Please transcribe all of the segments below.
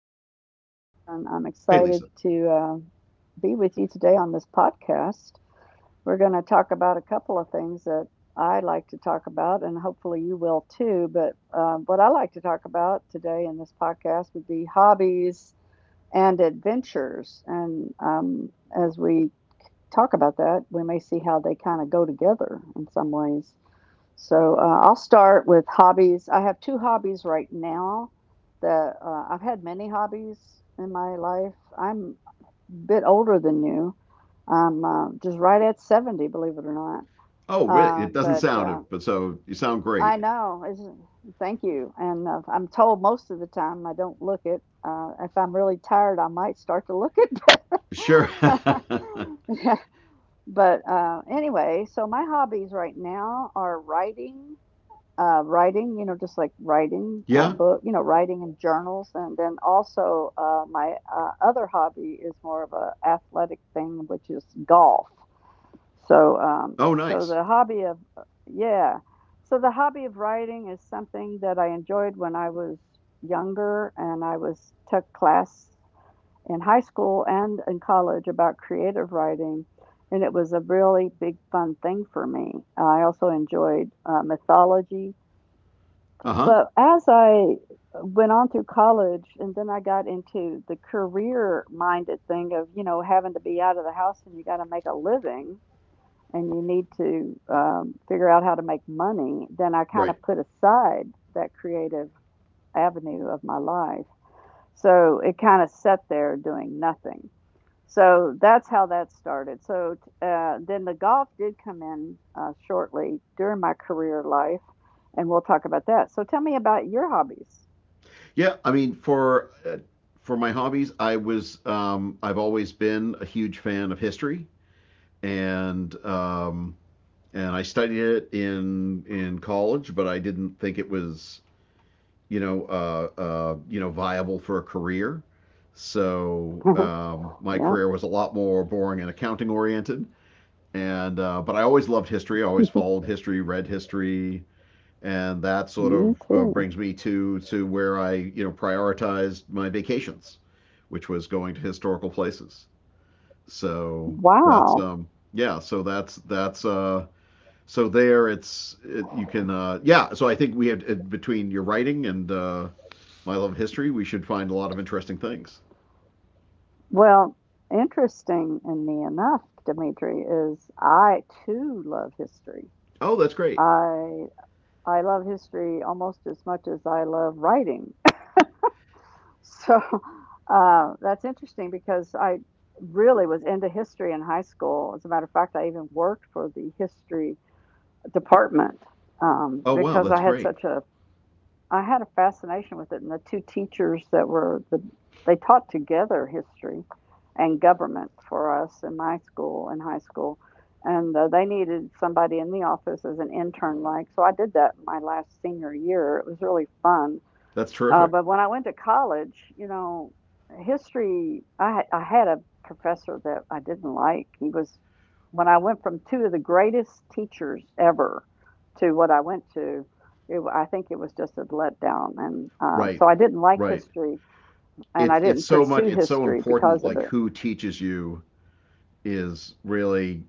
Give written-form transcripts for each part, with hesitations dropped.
Lisa, and I'm Hey, Lisa. excited to be with you today on this podcast. We're going to talk about a couple of things that I like to talk about, and hopefully you will too. But what I like to talk about today in this podcast would be hobbies and adventures. And as we talk about that, we may see how they kind of go together in some ways. So I'll start with hobbies. I have two hobbies right now that I've had many hobbies in my life. I'm a bit older than you. I'm just right at 70, believe it or not. Oh, really? It doesn't But sound it, but so you sound I great. know, is thank you. And I'm told most of the time I don't look it. If I'm really tired, I might start to look it. Sure. Yeah. But anyway, so my hobbies right now are writing writing, you know, just like writing a yeah. book, you know, writing in journals, and then also my other hobby is more of a athletic thing, which is golf. So, um, Oh, so nice. the hobby of so the hobby of writing is something that I enjoyed when I was younger, and I was took class in high school and in college about creative writing. And it was a really big fun thing for me. I also enjoyed mythology Uh huh. but as I went on through college and then I got into the career minded thing of, you know, having to be out of the house and you got to make a living and you need to figure out how to make money, then I kind Right. of put aside that creative avenue of my life. So it kind of sat there doing nothing. So that's how that started. Then the golf did come in shortly during my career life, and we'll talk about that. So tell me about your hobbies. For for my hobbies, I've always been a huge fan of history, and um, and I studied it in college, but I didn't think it was viable for a career. My Yep, career was a lot more boring and accounting oriented. And But I always loved history. I always followed history, read history, and that sort me of too. brings me to where I, you know, prioritized my vacations, which was going to historical places. So that's Wow. Yeah. So that's so there it's it, you can yeah. So I think we have between your writing and my love of history, we should find a lot of interesting things. Well, interestingly enough, Dimitri, is I too love history. Oh, that's great. I I love history almost as much as I love writing. So that's interesting because I really was into history in high school. As a matter of fact, I even worked for the history department Oh wow, because that's great. I had a fascination with it. And the two teachers that were they taught together history and government for us in my school in high school. And they needed somebody in the office as an intern, like so. I did that my last senior year. It was really fun That's terrific. but when I went to college, you know, history, I had a professor that I didn't like. When I went from two of the greatest teachers ever to what I went to, I think it was just a letdown. And Right, so I didn't like right. history and it's I it's didn't so much, pursue it's so history important, because of like it. who teaches you is really,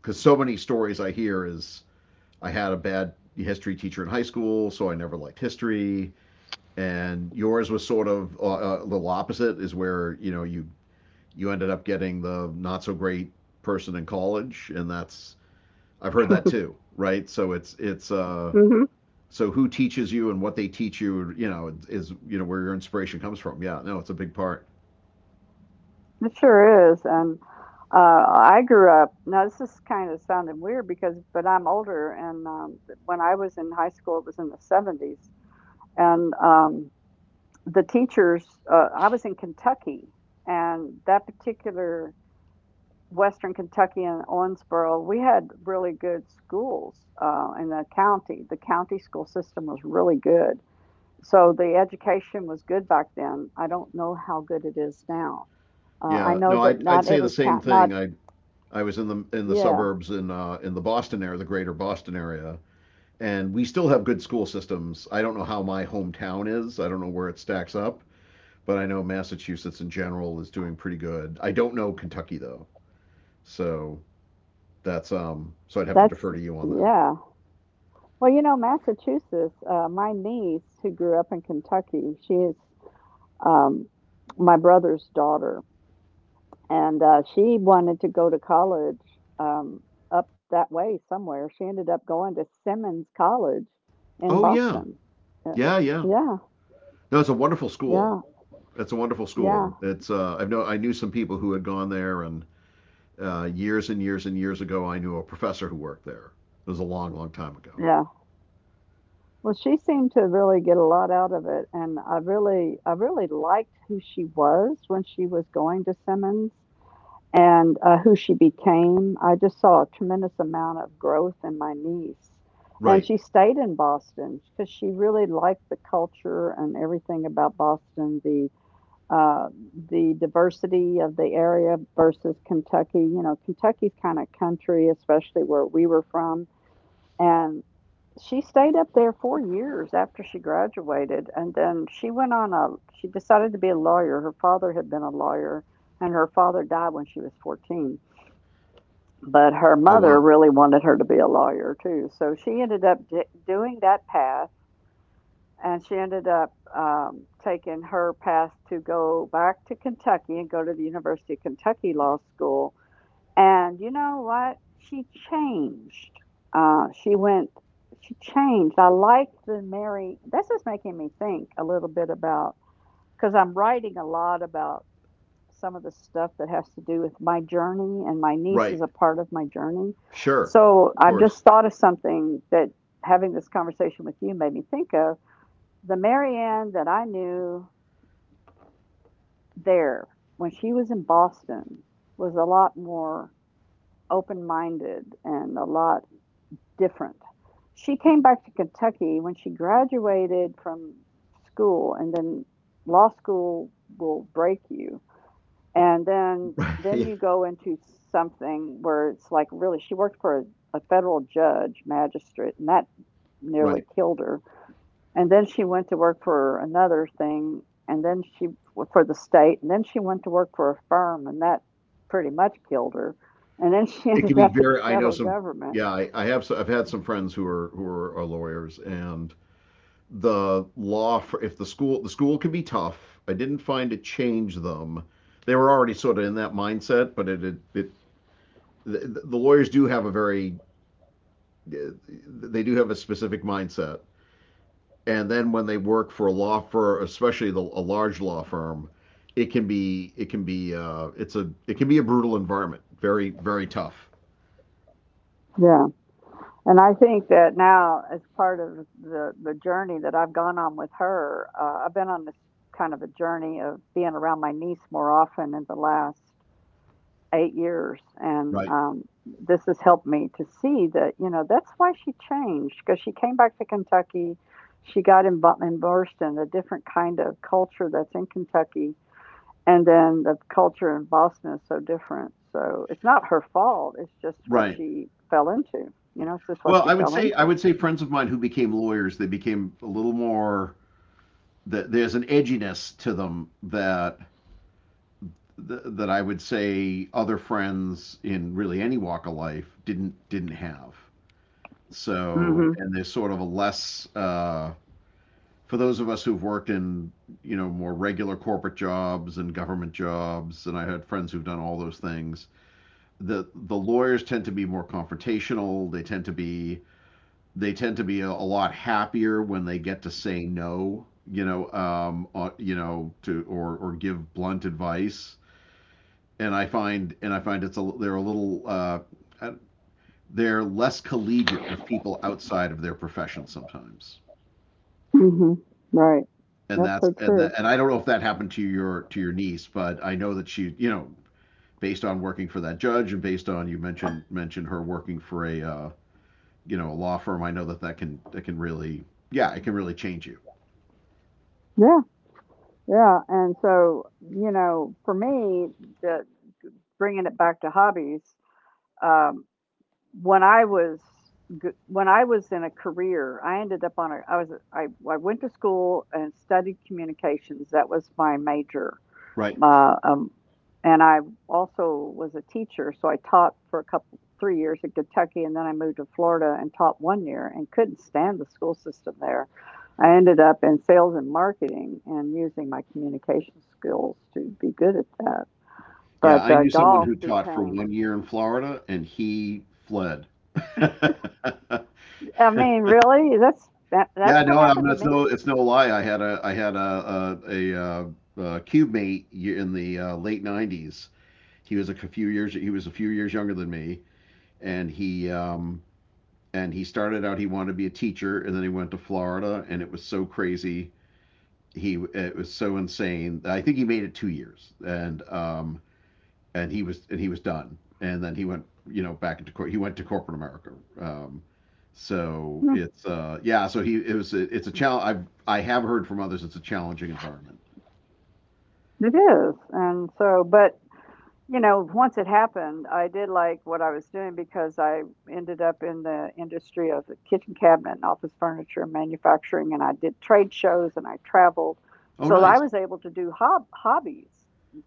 because so many stories I hear is I had a bad history teacher in high school, so I never liked history. And yours was sort of a little opposite, is where, you know, you ended up getting the not so great person in college, and that's I've heard that too, right? So it's Hmm. So who teaches you and what they teach you, you know, is, you know, where your inspiration comes from. Yeah, no, it's a big part. It sure is. And uh, I grew up. Now this is kind of sounding weird because, but I'm older, and when I was in high school, it was in the '70s, and the teachers I was in Kentucky, and that particular western Kentucky and Owensboro, we had really good schools in the county, the county school system was really good. So the education was good back then. I don't know how good it is now. I Yeah, know no, that I'd not say the every same count not thing. I was in the Yeah, suburbs in the Boston area, the greater Boston area, and we still have good school systems. I don't know how my hometown is. I don't know where it stacks up, but I know Massachusetts in general is doing pretty good. I don't know Kentucky though, so that's. So I'd have to that's defer to you on that. yeah. Well, you know, Massachusetts, my niece who grew up in Kentucky, she is um, my brother's daughter. And, she wanted to go to college, um, up that way somewhere. She ended up going to Simmons College in Oh yeah, Boston. Uh, yeah, yeah. yeah, No, it's a wonderful school. yeah, It's a wonderful yeah, school. It's I've know, I knew some people who had gone there and uh, years and years and years ago, I knew a professor who worked there. It was a long, long time ago. yeah. Well, she seemed to really get a lot out of it, and I really liked who she was when she was going to Simmons. And who she became. I just saw a tremendous amount of growth in my niece. And Right. she stayed in Boston because she really liked the culture and everything about Boston, uh, the diversity of the area versus Kentucky. You know, Kentucky's kind of country, especially where we were from. And she stayed up there 4 years after she graduated, and then she went on a. She decided to be a lawyer. Her father had been a lawyer, and her father died when she was 14. But her Oh, mother wow. really wanted her to be a lawyer too. So she ended up d- Doing that path, and she ended up taking her path to go back to Kentucky and go to the University of Kentucky Law School. And you know what? She changed. Uh, she went, she changed. I like the Mary. This is making me think a little bit about, because I'm writing a lot about some of the stuff that has to do with my journey, and my niece is Right. a part of my journey. Sure. So Of I've course. just thought of something that having this conversation with you made me think of. The Marianne that I knew there when she was in Boston was a lot more open minded and a lot different. She came back to Kentucky when she graduated from school, and then law school will break you. And then Right. you go into something where it's like really she worked for a federal judge, magistrate, and that nearly Right. killed her. And then she went to work for another thing, and then she for the state, and then she went to work for a firm, and that pretty much killed her. And then she It can ended be up at the very, I know federal some, government. yeah, I have, I've had some friends who are, are lawyers, and the law, for, if the school, the school can be tough. I didn't find it change them. They were already sort of in that mindset, but the lawyers do have a very, uh, they do have a specific mindset. And then when they work for a law firm, especially a large law firm, it can be, it's a, it can be a brutal environment, very, very tough. Yeah. And I think that now, as part of the journey that I've gone on with her, I've been on this kind of a journey of being around my niece more often in the last 8 years, and Right, um, this has helped me to see that you know that's why she changed because she came back to Kentucky, she got immersed in a different kind of culture that's in Kentucky, and then the culture in Boston is so different. So it's not her fault; it's just what right. she fell into. You Yeah. know, it's just what Well, she I would fell say, I into. would say friends of mine who became lawyers, they became a little more. There's an edginess to them that I would say other friends in really any walk of life didn't have. So, Mhm. and there's sort of a less for those of us who've worked in, you know, more regular corporate jobs and government jobs, and I had friends who've done all those things. The lawyers tend to be more confrontational. They tend to be a lot happier when they get to say no, you know, to or give blunt advice. And I find it's a, they're a little uh, they're less collegiate with people outside of their profession sometimes. Mhm. Right. And That's so true. And I don't know if that happened to your niece, but I know that she, you know, based on working for that judge, and based on you mentioned her working for a you know, a law firm, I know that that can really, yeah, it can really change you, Yeah. Yeah. And so, you know, for me, the bringing it back to hobbies, um, when I was when I was in a career, I ended up on a. I was a- I went to school and studied communications. That was my major. right? Uh, um, and I also was a teacher, so I taught for a couple, 3 years in Kentucky, and then I moved to Florida and taught 1 year and couldn't stand the school system there. I ended up in sales and marketing and using my communication skills to be good at that. Yeah, But I knew someone golf who taught for became, 1 year in Florida and he fled. I mean, really, Yeah, that's what no, I'm, happened to that's me. no, it's no lie. I had a, cube mate in the late '90s. He was a few years, he was a few years younger than me, and he um, and he started out, he wanted to be a teacher, and then he went to Florida, and it was so crazy. He It was so insane. I think he made it 2 years, and he was done. And then he went, you know, he went to corporate America. Um, so Hmm. it's yeah. So he it was a, it's a challenge. I have heard from others it's a challenging environment. It is, and so, but you know, once it happened, I did like what I was doing because I ended up in the industry of the kitchen cabinet and office furniture and manufacturing, and I did trade shows and I traveled. Oh, So I nice. was able to do hobbies.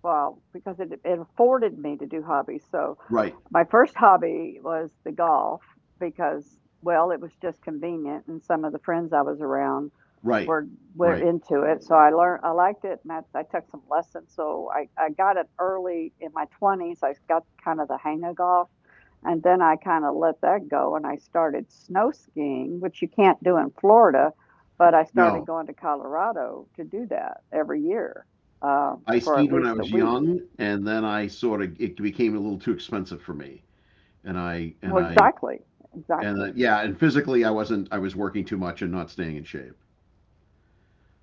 Well, because it afforded me to do hobbies. So Right. my first hobby was the golf because well it was just convenient, and some of the friends I was around Right. were Right. into it, so I learned, I liked it, and I took some lessons, so I got it early in my 20s. I got kind of the hang of golf, and then I kind of let that go, and I started snow skiing, which you can't do in Florida, but I started No, going to Colorado to do that every year, uh, I for at skied when I least a was week. young, and then I sort of it became a little too expensive for me. And I and Well, I exactly, and exactly. Yeah, and physically I wasn't. I was working too much and not staying in shape.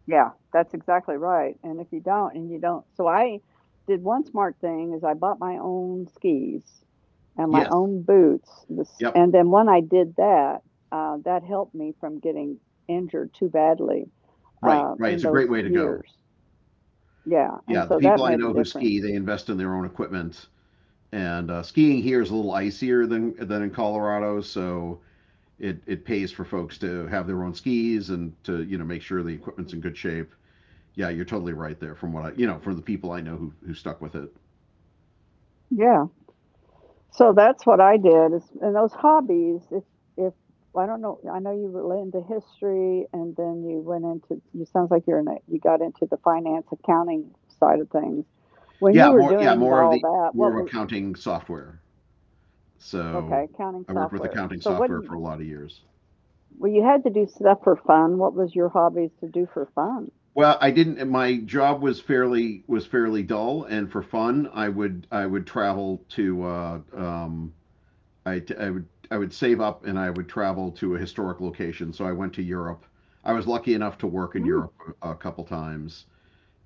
Yeah, that's exactly right, and if you don't so I did one smart thing is I bought my own skis and my Yes. own boots, this Yep. and then when I did that, that helped me from getting injured too badly, Right. Right. in It's a those great way to go. years. Yeah, and Yeah. The so people that I made a know who ski, difference. they invest in their own equipment, and skiing here is a little icier than in Colorado, so it pays for folks to have their own skis and to, you know, make sure the equipment's in good shape. Yeah, you're totally right there. From what I, you know, from the people I know who stuck with it. Yeah. So that's what I did is and those hobbies, if I don't know, I know you were into history and then you went into you sounds like you're in a, you got into the finance accounting side of things. When you Yeah. were More. Yeah. doing More of all the, that, what more of was accounting software. So okay, accounting I worked with software. accounting So what did software for a you lot of years. well you had to do stuff for fun. What was your hobbies to do for fun? Well, I didn't. My job was fairly dull, and for fun, I would travel to I, I would I would save up and I would travel to a historic location. So I went to Europe. I was lucky enough to work in Mm. Europe a couple times,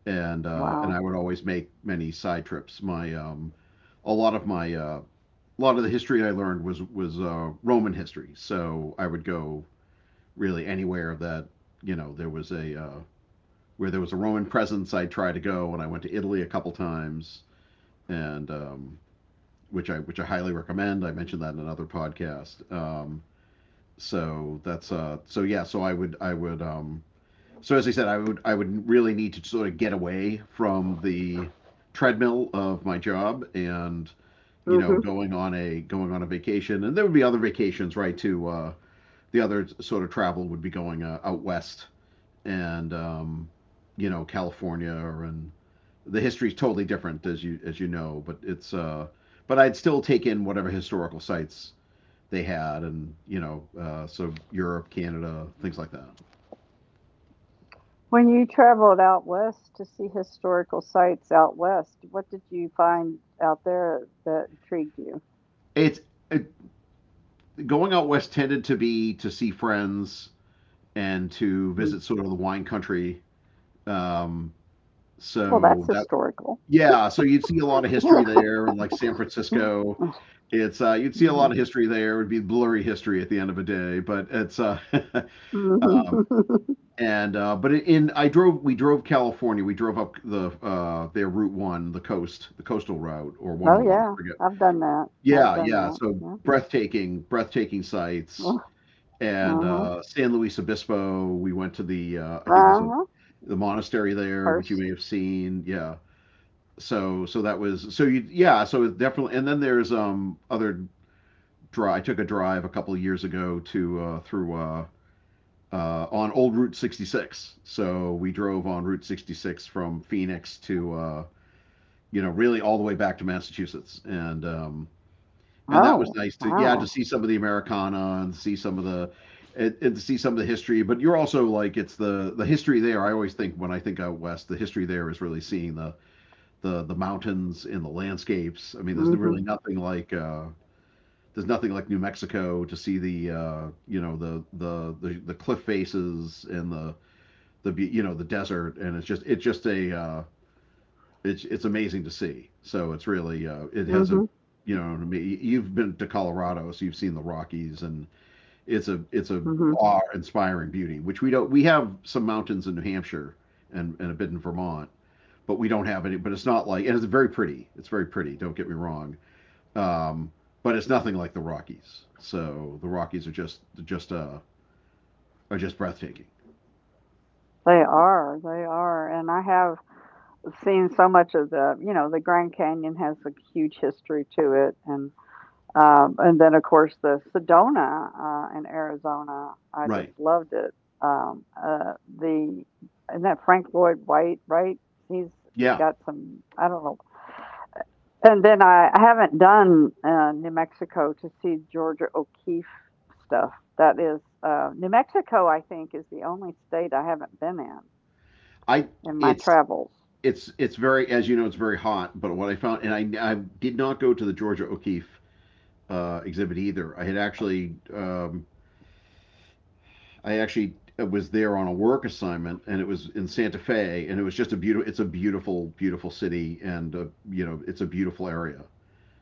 and Wow. I would always make many side trips. My a lot of my A lot of the history I learned was Roman history. So I would go really anywhere that, you know, there was a where there was a Roman presence. I tried to go, and I went to Italy a couple times, and which I highly recommend. I mentioned that in another podcast. So that's so yeah. So, as I said, I would really need to sort of get away from the treadmill of my job, and, you know, Hmm. going on a, going on a vacation. And there would be other vacations, right, to the other sort of travel would be going out west, and you know, California, and the history is totally different, as you, as you know. But it's but I'd still take in whatever historical sites they had, and, you know, so Europe, Canada, things like that. When you traveled out west to see historical sites out west, what did you find out there that intrigued you? It's it, Going out west tended to be to see friends and to visit sort of the wine country. Um, Well, that's so that, historical. yeah, so you'd see a lot of history there, and like San Francisco. It's You'd see a Hmm. lot of history there. It would be blurry history at the end of a day, but it's Hmm. um, Oh, and but in, I drove, we drove California. We drove up the their Route One, the coast, the coastal route, or 101, I yeah, forget. I've done that. I've Yeah, done yeah. that. So Yeah. breathtaking, breathtaking sights. And Uh-huh. San Luis Obispo, we went to the I think there's a, Uh-huh. the monastery there, which you Hearst. may have seen. Yeah. So so that was so you yeah so it's definitely, and then there's other dri I took a drive a couple of years ago to through on old Route 66. So we drove on Route 66 from Phoenix to, you know, really all the way back to Massachusetts, and that was Oh, nice to, yeah, to wow. see some of the Americana and see some of the and to see some of the history. But you're also like it's the history there. I always think when I think out west, the history there is really seeing the the mountains and the landscapes. I mean, there's Mm-hmm. really nothing like there's nothing like New Mexico to see the you know, the, the cliff faces and the, you know, the desert. And it's just, it's just a it's amazing to see. So it's really it has a Mm-hmm. you know what I mean, you've been to Colorado so you've seen the Rockies, and it's a Mm-hmm. awe inspiring beauty which we don't we have some mountains in New Hampshire and a bit in Vermont, but we don't have any but it's not like, and it's very pretty, it's very pretty, don't get me wrong. Um, but it's nothing like the Rockies. So the Rockies are just are just breathtaking. They are. They are. And I have seen so much of the, you know, the Grand Canyon has a huge history to it. And then, of course, the Sedona in Arizona. I just Right. loved it. Um, uh, the and that Frank Lloyd Wright, right? He's Yeah. got some. I don't know. And then I haven't done New Mexico to see Georgia O'Keeffe stuff. That is, New Mexico, I think, is the only state I haven't been I in my It's travels. It's very, as you know, it's very hot. But what I found, and I did not go to the Georgia O'Keeffe exhibit either. I had actually I actually was there on a work assignment, and it was in Santa Fe, and it was just a beautiful beautiful city. And you know, it's a beautiful area.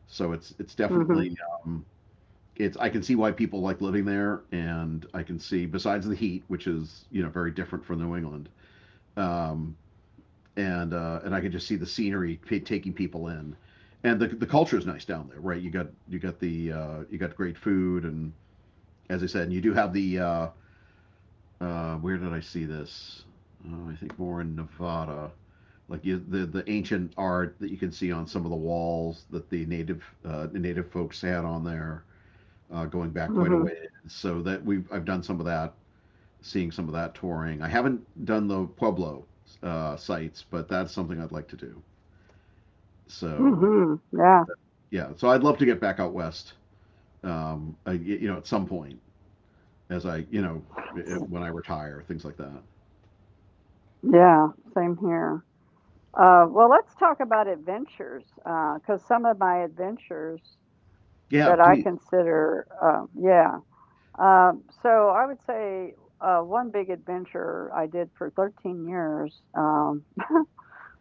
So it's mm definitely um, it's I can see why people like living there, and I can see, besides the heat, which is you know very different from New England, um, and I can just see the scenery taking people in, and the culture is nice down there, right? You got the you got great food, and as I said, and you do have the where did I see this? I think more in Nevada. Like you, the ancient art that you can see on some of the walls that the native folks had on there, going back Mhm. quite a Mhm. ways. So that we have I've done some of that, seeing some of that touring. I haven't done the Pueblo sites, but that's something I'd like to do. So Mhm. Yeah. yeah, so I'd love to get back out west. I, you know, at some point as I you know I- when I retire, things like that. Yeah. Same here. Well, let's talk about adventures, because some of my adventures Yeah, that I please. consider, yeah. So I would say one big adventure I did for 13 years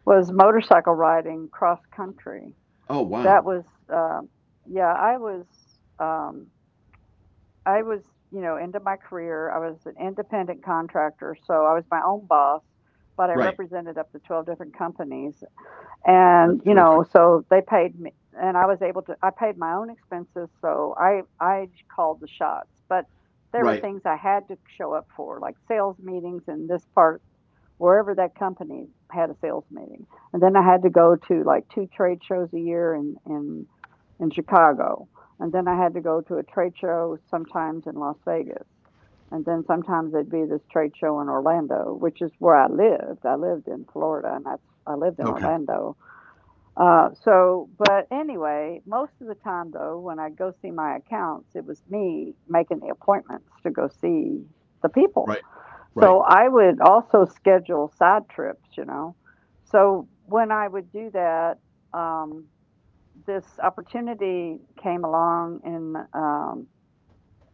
was motorcycle riding cross country. Oh wow, That was, um yeah, um, I was, you know, into my career. I was an independent contractor, so I was my own boss, but I right, represented up to 12 different companies. that's And you terrific. know, so they paid me, and I was able to, I paid my own expenses, so I called the shots. But there were Right. things I had to show up for, like sales meetings and this part, wherever that company had a sales meeting. And then I had to go to like two trade shows a year in in Chicago, and then I had to go to a trade show sometimes in Las Vegas, and then sometimes there'd be this trade show in Orlando, which is where I lived. I lived in Florida, and that's, I lived in Okay. Orlando. So, but anyway, most of the time, though, when I go see my accounts, it was me making the appointments to go see the people. Right. Right. So I would also schedule side trips, you know. So when I would do that, um, this opportunity came along in,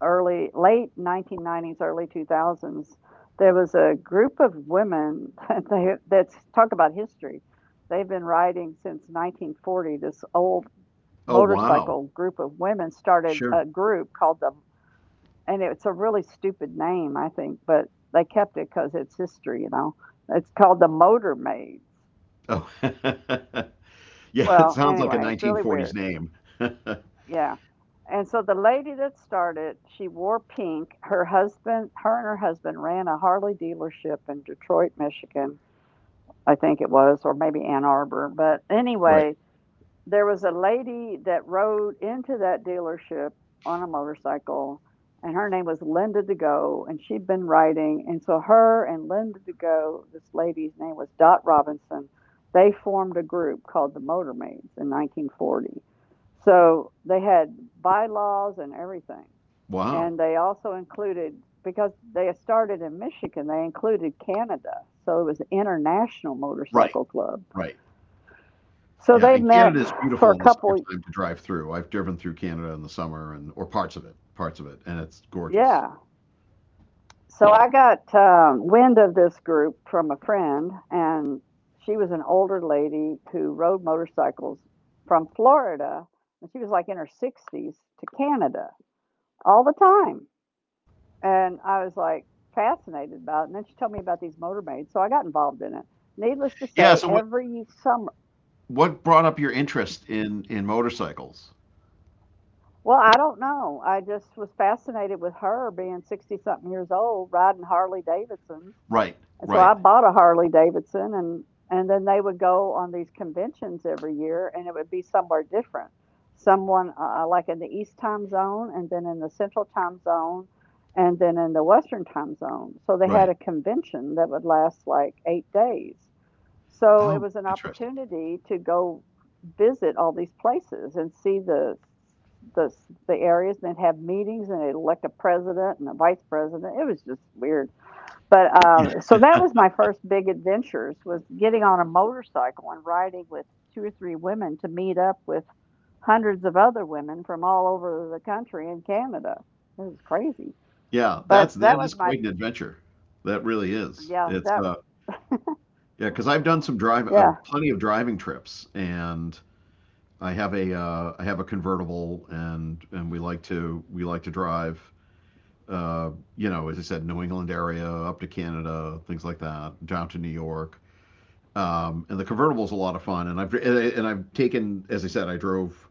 early late 1990s, early 2000s, there was a group of women that they that's talk about history. They've been riding since 1940. This old Oh wow. motorcycle group of women started Sure. a group called the, and it's a really stupid name, I think, but they kept it because it's history, you know. It's called the Motor Maids. Oh. Yeah, it Well, sounds like a anyway, it's really 1940s weird. name. Yeah. And so the lady that started, she wore pink. Her husband, her and her husband ran a Harley dealership in Detroit, Michigan, I think it was, or maybe Ann Arbor. But Right. anyway, there was a lady that rode into that dealership on a motorcycle, and her name was Linda DeGo, and she'd been riding. And so, her and Linda DeGo, this lady's name was Dot Robinson, they formed a group called the Motormaids in 1940. So, they had bylaws and everything. Wow. And they also included, because they started in Michigan, they included Canada. So, it was an international Right. motorcycle club. Right. So Yeah, they and met Canada is for beautiful a in the couple. summertime to drive through. I've driven through Canada in the summer, and or parts of it, and it's gorgeous. Yeah. So I got wind of this group from a friend, and she was an older lady who rode motorcycles from Florida, and she was like in her 60s, to Canada, all the time. And I was like fascinated about it. And then she told me about these motormaids, so I got involved in it. Needless to Yeah, say, so what every summer, what brought up your interest in motorcycles? well, I don't know. I just was fascinated with her being 60 something years old, riding Harley Davidsons. Right, And so I right, bought a Harley Davidson, and then they would go on these conventions every year, and it would be somewhere different. Someone like in the East time zone, and then in the Central time zone, and then in the Western time zone. So they had right. a convention that would last like 8 days. So it Oh, was an interesting. opportunity to go visit all these places and see the the areas, and they'd have meetings, and they'd elect a president and a vice president. It was just weird. But Yeah, so that was my first big adventures, was getting on a motorcycle and riding with two or three women to meet up with hundreds of other women from all over the country and Canada. It was crazy, yeah, but that's that that is was my quite an adventure. That really is. yeah It's that Yeah, 'cause I've done some drive yeah. plenty of driving trips, and I have a convertible, and we like to drive uh, you know, as I said, New England area, up to Canada, things like that, down to New York. And the convertible is a lot of fun. And I have taken, as I said, I drove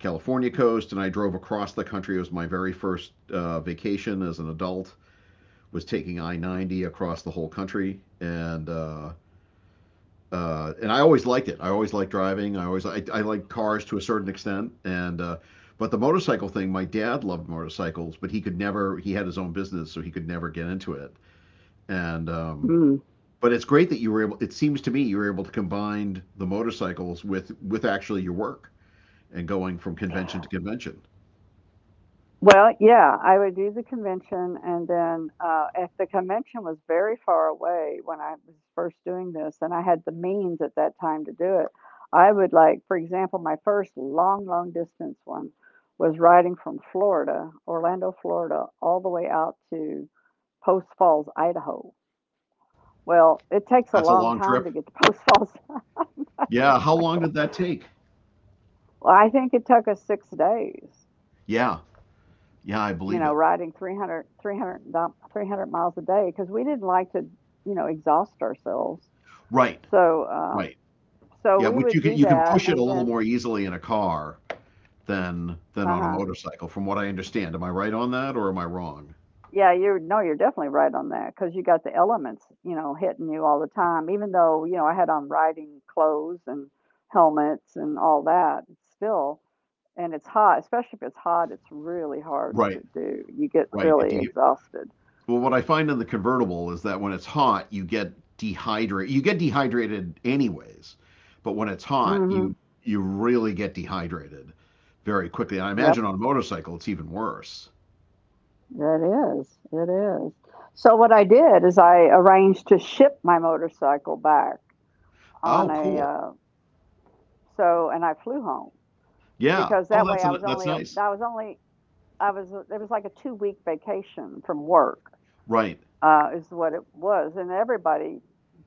California coast, and I drove across the country. It was my very first vacation as an adult. Was taking I 90 across the whole country, and I always liked it. I always liked driving. I like cars to a certain extent, and but the motorcycle thing, my dad loved motorcycles, but he could never. He had his own business, so he could never get into it. And Mm. But it's great that you were able. It seems to me you were able to combine the motorcycles with actually your work and going from convention to convention. Well, yeah, I would do the convention, and then if the convention was very far away when I was first doing this, and I had the means at that time to do it, I would, like, for example, my first long, long distance one was riding from Florida, Orlando, Florida, all the way out to Post Falls, Idaho. Well, it takes a That's a long long time trip. to get to Post Falls on a Yeah, how long did motorcycle. that take? Well, I think it took us 6 days. Yeah, yeah, I You believe know, it. riding 300, 300, 300 miles a day, because we didn't like to, you know, exhaust ourselves. Right, So, right. so Yeah, we which would do you can that, push it a and little then, more easily in a car than uh on a huh, motorcycle, from what I understand. Am I right on that, or am I wrong? yeah, you're no, you're definitely right on that, because you got the elements, you know, hitting you all the time. Even though, you know, I had on riding clothes and helmets and all that, it's still, and it's hot, especially if it's hot. It's really hard to Right, do. You get right. Really exhausted. Well, what I find in the convertible is that when it's hot, you get dehydrated. You get dehydrated anyways, but when it's hot, Mm-hmm. You really get dehydrated very quickly. And I Yep. imagine on a motorcycle, it's even worse. It is. It is. So what I did is I arranged to ship my motorcycle back Oh, on a cool. So, and I flew home, Yeah. because Oh, that way that's I was that's only nice. I was only I was it was like a 2-week vacation from work, Right. Is what it was. And everybody,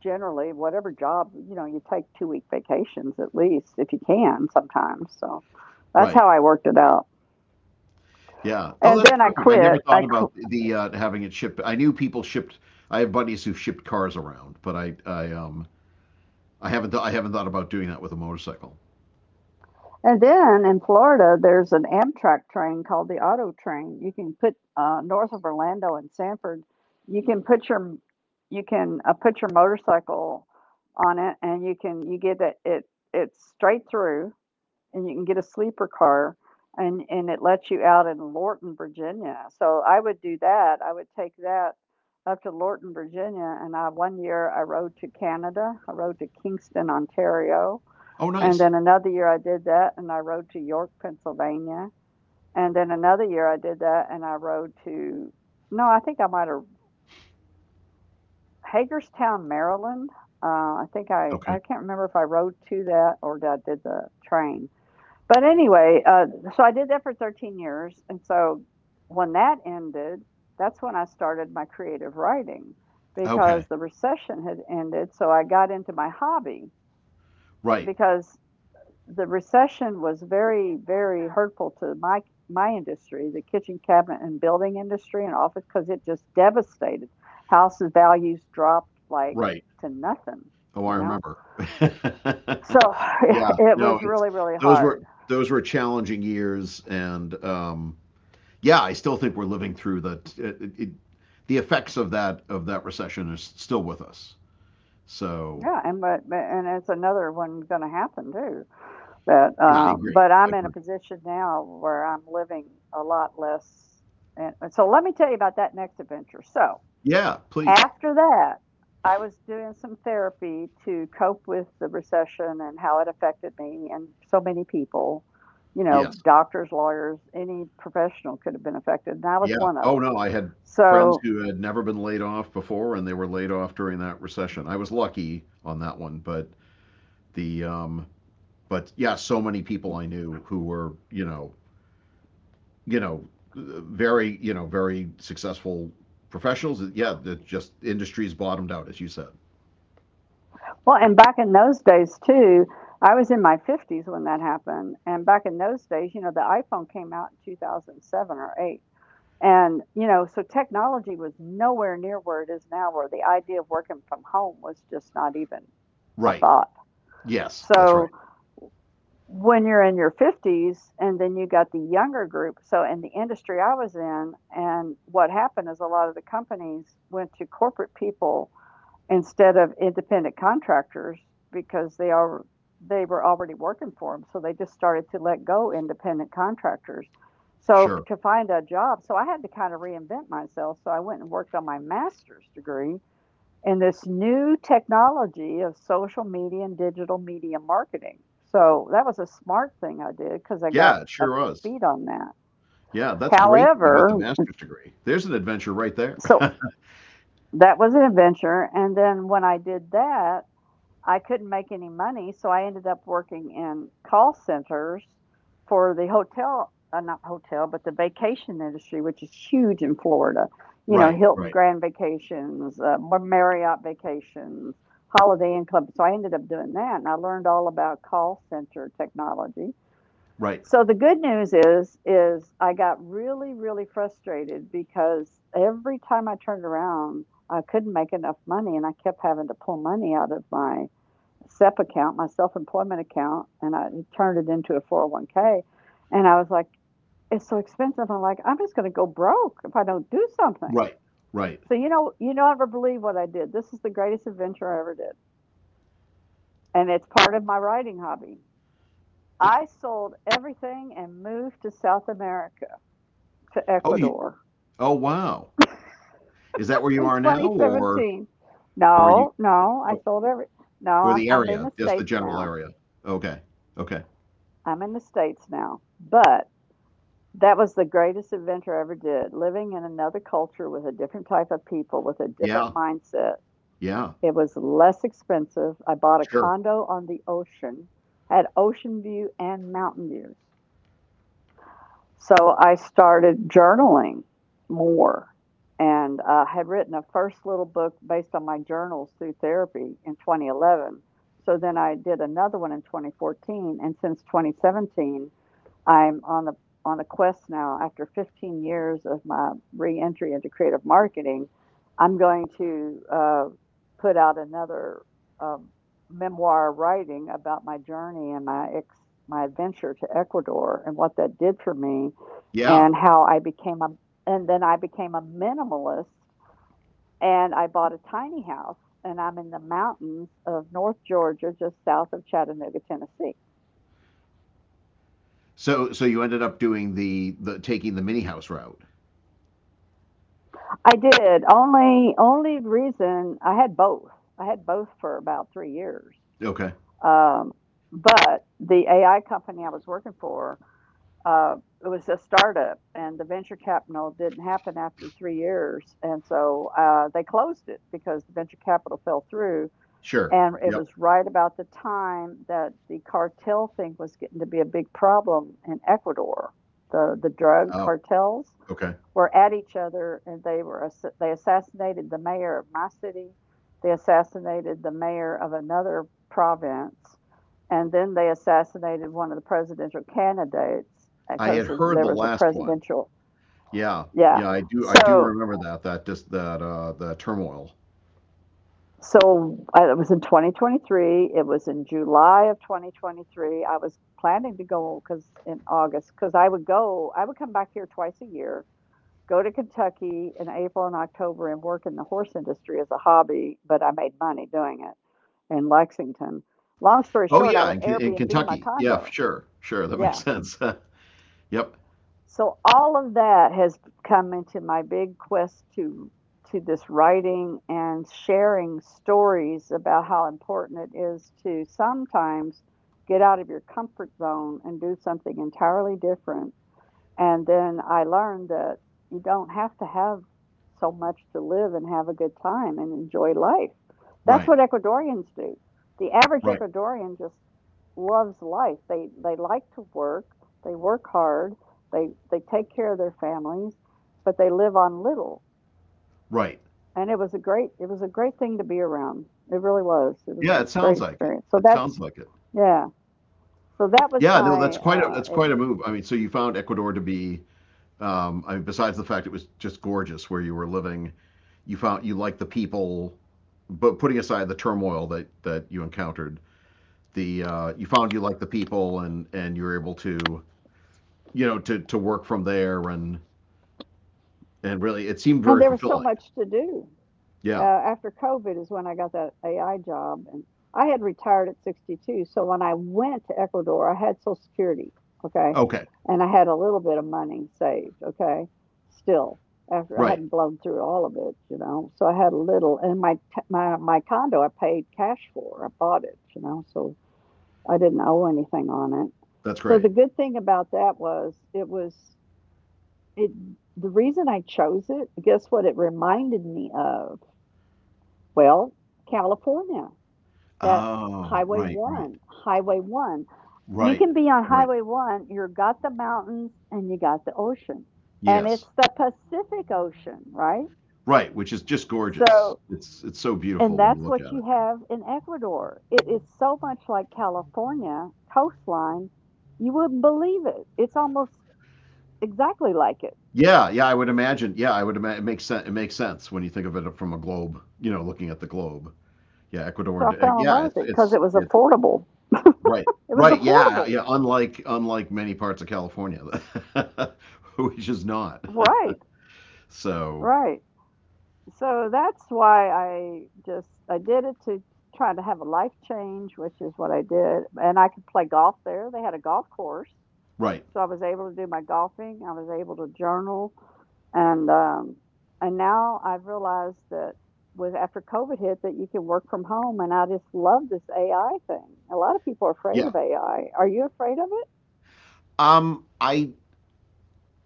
generally, whatever job, you know, you take 2-week vacations at least, if you can, sometimes. So that's how Right. I worked it out. Yeah. Oh, And that's then I terrific. I never quit I thought qu- about the having it shipped. I knew people shipped. I have buddies who've shipped cars around, but I haven't I haven't thought about doing that with a motorcycle. And then in Florida, there's an Amtrak train called the Auto Train. You can put, north of Orlando and Sanford, you can put your, you can put your motorcycle on it, and you can you get it, it it's straight through, and you can get a sleeper car, and it lets you out in Lorton, Virginia. So I would do that. I would take that up to Lorton, Virginia, and I one year I rode to Canada. I rode to Kingston, Ontario, Oh, and nice. then another year I did that and I rode to York, Pennsylvania. And then another year I did that and I rode to, no, I think I might have, Hagerstown, Maryland. I think Okay. I can't remember if I rode to that or I did the train. But anyway, so I did that for 13 years. And so when that ended, that's when I started my creative writing, Okay. because the recession had ended. So I got into my hobby, Right. because the recession was very, very hurtful to my, my industry, the kitchen cabinet and building industry and office, because it just devastated. Houses values dropped like Right. to nothing, Oh, I you know. remember. So Yeah, it no, was it's really, really those were hard. those were challenging years, and yeah, I still think we're living through it, it, the effects of that recession is still with us. So Yeah, and but and it's another one going to happen too. Yeah, I agree. But I I'm in a agree. position now where I'm living a lot less. And so let me tell you about that next adventure. So Yeah, please. after that, I was doing some therapy to cope with the recession and how it affected me and so many people. You know, Yes. doctors, lawyers, any professional could have been affected, and I was Yeah. one of Oh them. no, I had friends So, who had never been laid off before, and they were laid off during that recession. I was lucky on that one, but the but yeah, so many people I knew who were you know, very successful professionals. Yeah, that just industries bottomed out, as you said. well, and back in those days too, I was in my 50s when that happened. And back in those days, you know, the iPhone came out in 2007 or 8. And, you know, so technology was nowhere near where it is now, where the idea of working from home was just not even a Right. thought. Yes, that's right. So, when you're in your 50s, and then you got the younger group, so in the industry I was in, and what happened is a lot of the companies went to corporate people instead of independent contractors, because they are, they were already working for them, so they just started to let go independent contractors. So Sure. to find a job, so I had to kind of reinvent myself, so I went and worked on my master's degree in this new technology of social media and digital media marketing. So that was a smart thing I did, because I got Yeah, it up sure to was. speed on that. Yeah, that's great that you got the However, master's degree. There's an adventure right there. so that was an adventure. And then when I did that, I couldn't make any money, so I ended up working in call centers for the hotel, not hotel, but the vacation industry, which is huge in Florida. You know, Right, Hilton right, Grand Vacations, Marriott Vacations, Holiday Inn Club. So I ended up doing that, and I learned all about call center technology. right, So the good news is I got really, really frustrated, because every time I turned around, I couldn't make enough money, and I kept having to pull money out of my SEP account, my self employment account, and I turned it into a 401k. And I was like, it's so expensive. I'm like, I'm just going to go broke if I don't do something. right, right. So, you know, you don't ever believe what I did. This is the greatest adventure I ever did. And it's part of my writing hobby. I sold everything and moved to South America, to Oh, you, Ecuador oh, wow. Is that where you in are now, or 2017. or you, No, no, I oh, sold every. No, or I'm, the I'm in area, the just the States general now. area? Okay, okay. I'm in the States now. But that was the greatest adventure I ever did. Living in another culture with a different type of people, with a different Yeah, mindset. yeah, It was less expensive. I bought a sure. condo on the ocean, had ocean view and mountain views. So I started journaling more, and I had written a first little book based on my journals through therapy in 2011. So then I did another one in 2014. And since 2017, I'm on a quest now after 15 years of my re-entry into creative marketing. I'm going to put out another um, memoir writing about my journey and my adventure to Ecuador and what that did for me, Yeah, and how I became a and then I became a minimalist, and I bought a tiny house, and I'm in the mountains of North Georgia just south of Chattanooga, Tennessee. so so you ended up doing the taking the mini house route. I did. Only reason I had both. I had both for about 3 years. Okay. Um, but the AI company I was working for, uh, it was a startup, and the venture capital didn't happen after 3 years, and so they closed it because the venture capital fell through. Sure. And it Yep. was right about the time that the cartel thing was getting to be a big problem in Ecuador. The drug Oh, cartels okay. were at each other, and they assassinated the mayor of my city. They assassinated the mayor of another province. And then they assassinated one of the presidential candidates, I had because heard there the was a last one. presidential. Yeah. Yeah. Yeah, I do so remember that that just that the turmoil. so uh, it was in 2023. It was in July of 2023. I was planning to go, because in August, because I would come back here twice a year, go to Kentucky in April and October and work in the horse industry as a hobby, but I made money doing it in Lexington. Long story Oh short, I yeah, would in, in Airbnb my Kentucky. Yeah, condo. sure. Sure, that makes Yeah. sense. Yep. So all of that has come into my big quest, to this writing and sharing stories about how important it is to sometimes get out of your comfort zone and do something entirely different. And then I learned that you don't have to have so much to live and have a good time and enjoy life. That's Right. what Ecuadorians do. The average Right. Ecuadorian just loves life. They like to work. They work hard. They take care of their families, but they live on little. Right. And it was a great thing to be around. It really was. It was Yeah, a it great sounds like it. experience. So It that's, sounds like it. yeah. So that was Yeah, no, my that's quite a move. I mean, so you found Ecuador to be I mean, besides the fact it was just gorgeous where you were living, you found you liked the people, but putting aside the turmoil that you encountered, the you found you like the people, and you were able to you know to work from there and really it seemed and very there was so fulfilling. much to do. Yeah. After COVID is when I got that AI job, and I had retired at 62. So when I went to Ecuador, I had Social Security, okay, Okay. and I had a little bit of money saved, okay, still, after I Right. hadn't blown through all of it. So I had a little, and my t- my condo I paid cash for. I bought it, so I didn't owe anything on it. That's So the great. good thing about that was, it was it. The reason I chose it, guess what? It reminded me of. Well, California, that Oh, Highway right, right, 1, Highway 1. You right, can be on right. Highway 1, you're got the mountains and you got the ocean. And Yes. it's the Pacific Ocean, right? Right, which is just gorgeous. So, It's so and beautiful when you that's look what at you it. have in Ecuador. It is so much like California coastline, you wouldn't believe it. It's almost exactly like it. Yeah, yeah, I would imagine. Yeah, I would imagine it makes sense. It makes sense when you think of it from a globe, you know, looking at the globe. Yeah, So Ecuador. I fell in love Yeah, with it because it was it's affordable. right. It was Right. Yeah. affordable. Yeah. Unlike many parts of California, which is not. Right, So, right. So that's why I did it, to try to have a life change, which is what I did, and I could play golf there. They had a golf course, right. so I was able to do my golfing. I was able to journal, and um, and now I've realized that, with after COVID hit, that you can work from home, and I just love this AI thing. A lot of people are afraid Yeah. of AI. Are you afraid of it? I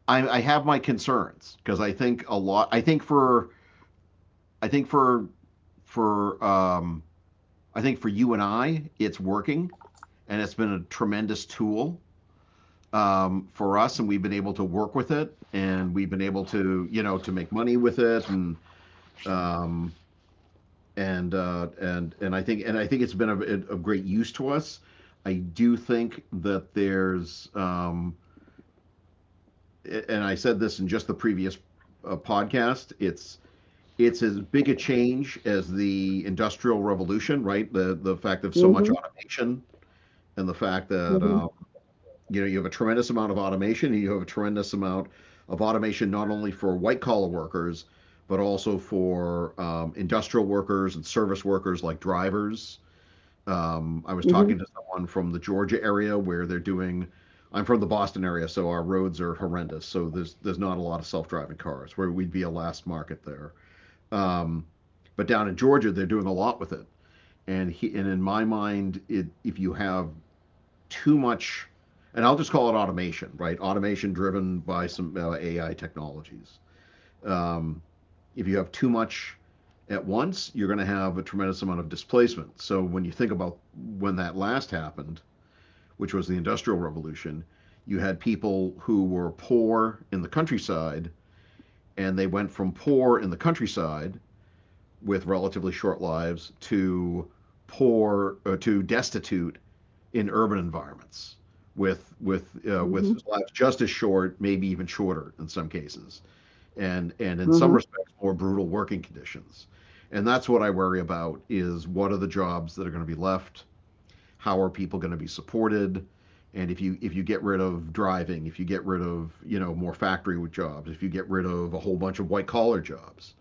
I have my concerns because I think a lot. I think for for um I think for you and I, it's working, and it's been a tremendous tool for us, and we've been able to work with it, and we've been able to you know to make money with it, um and and I think it's been of great use to us. I do think that there's, and I said this in just the previous podcast. It's as big a change as the Industrial Revolution, right? The fact of so much Mm-hmm. automation, and the fact that Mm-hmm. You know you have a tremendous amount of automation, and you have a tremendous amount of automation not only for white collar workers, but also for industrial workers and service workers like drivers. I was Mm-hmm. talking to someone from the Georgia area where they're doing. I'm from the Boston area, so our roads are horrendous. So there's not a lot of self-driving cars, where we'd be a last market there. Um, but down in Georgia, they're doing a lot with it. And he, and in my mind, it, if you have too much, and I'll just call it automation, right? Automation driven by some AI technologies. Um, if you have too much at once, you're going to have a tremendous amount of displacement. So when you think about when that last happened, which was the Industrial Revolution, you had people who were poor in the countryside, and they went from poor in the countryside with relatively short lives to poor to destitute in urban environments with with Mm-hmm. lives just as short, maybe even shorter in some cases, and in some Mm-hmm. respects more brutal working conditions. And that's what I worry about: is what are the jobs that are going to be left? How are people going to be supported? And if you get rid of driving, if you get rid of you know more factory jobs, if you get rid of a whole bunch of white collar jobs,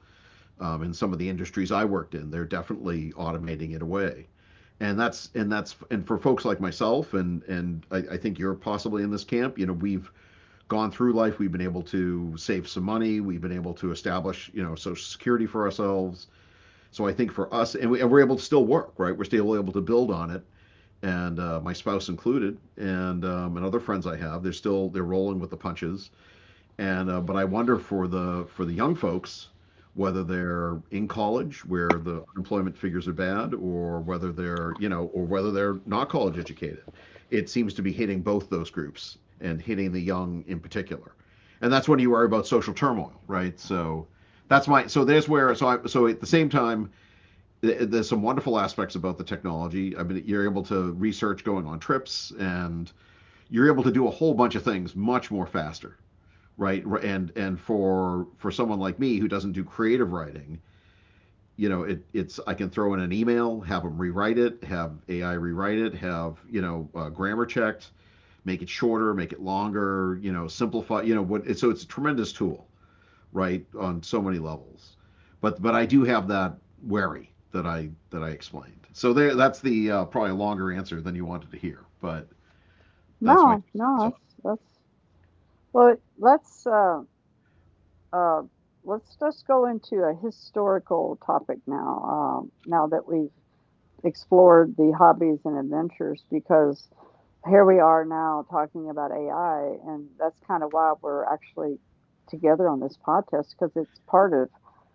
in some of the industries I worked in, they're definitely automating it away. And for folks like myself, and I think you're possibly in this camp. You know, we've gone through life, we've been able to save some money, we've been able to establish you know social security for ourselves. So I think for us, and we're able to still work, right? We're still able to build on it and my spouse included, and other friends I have. They're rolling with the punches, and but I wonder for the young folks whether they're in college where the unemployment figures are bad, or whether they're or whether they're not college educated. It seems to be hitting both those groups and hitting the young in particular, and that's when you worry about social turmoil, right? So that's my so there's where so I so at the same time there's some wonderful aspects about the technology. I mean, you're able to research going on trips, and you're able to do a whole bunch of things much more faster, right? And for someone like me who doesn't do creative writing, you know, it's I can throw in an email, have them rewrite it, have AI rewrite it, have grammar checked, make it shorter, make it longer, you know, simplify, you know, what. So it's a tremendous tool, right? On so many levels. But I do have that wary that I explained. So there, that's the probably a longer answer than you wanted to hear, but that's my two No, cents on. no, it. that's well. Uh, let's just go into a historical topic now, now that we've explored the hobbies and adventures, because here we are now talking about AI, and that's kind of why we're actually together on this podcast, because it's part of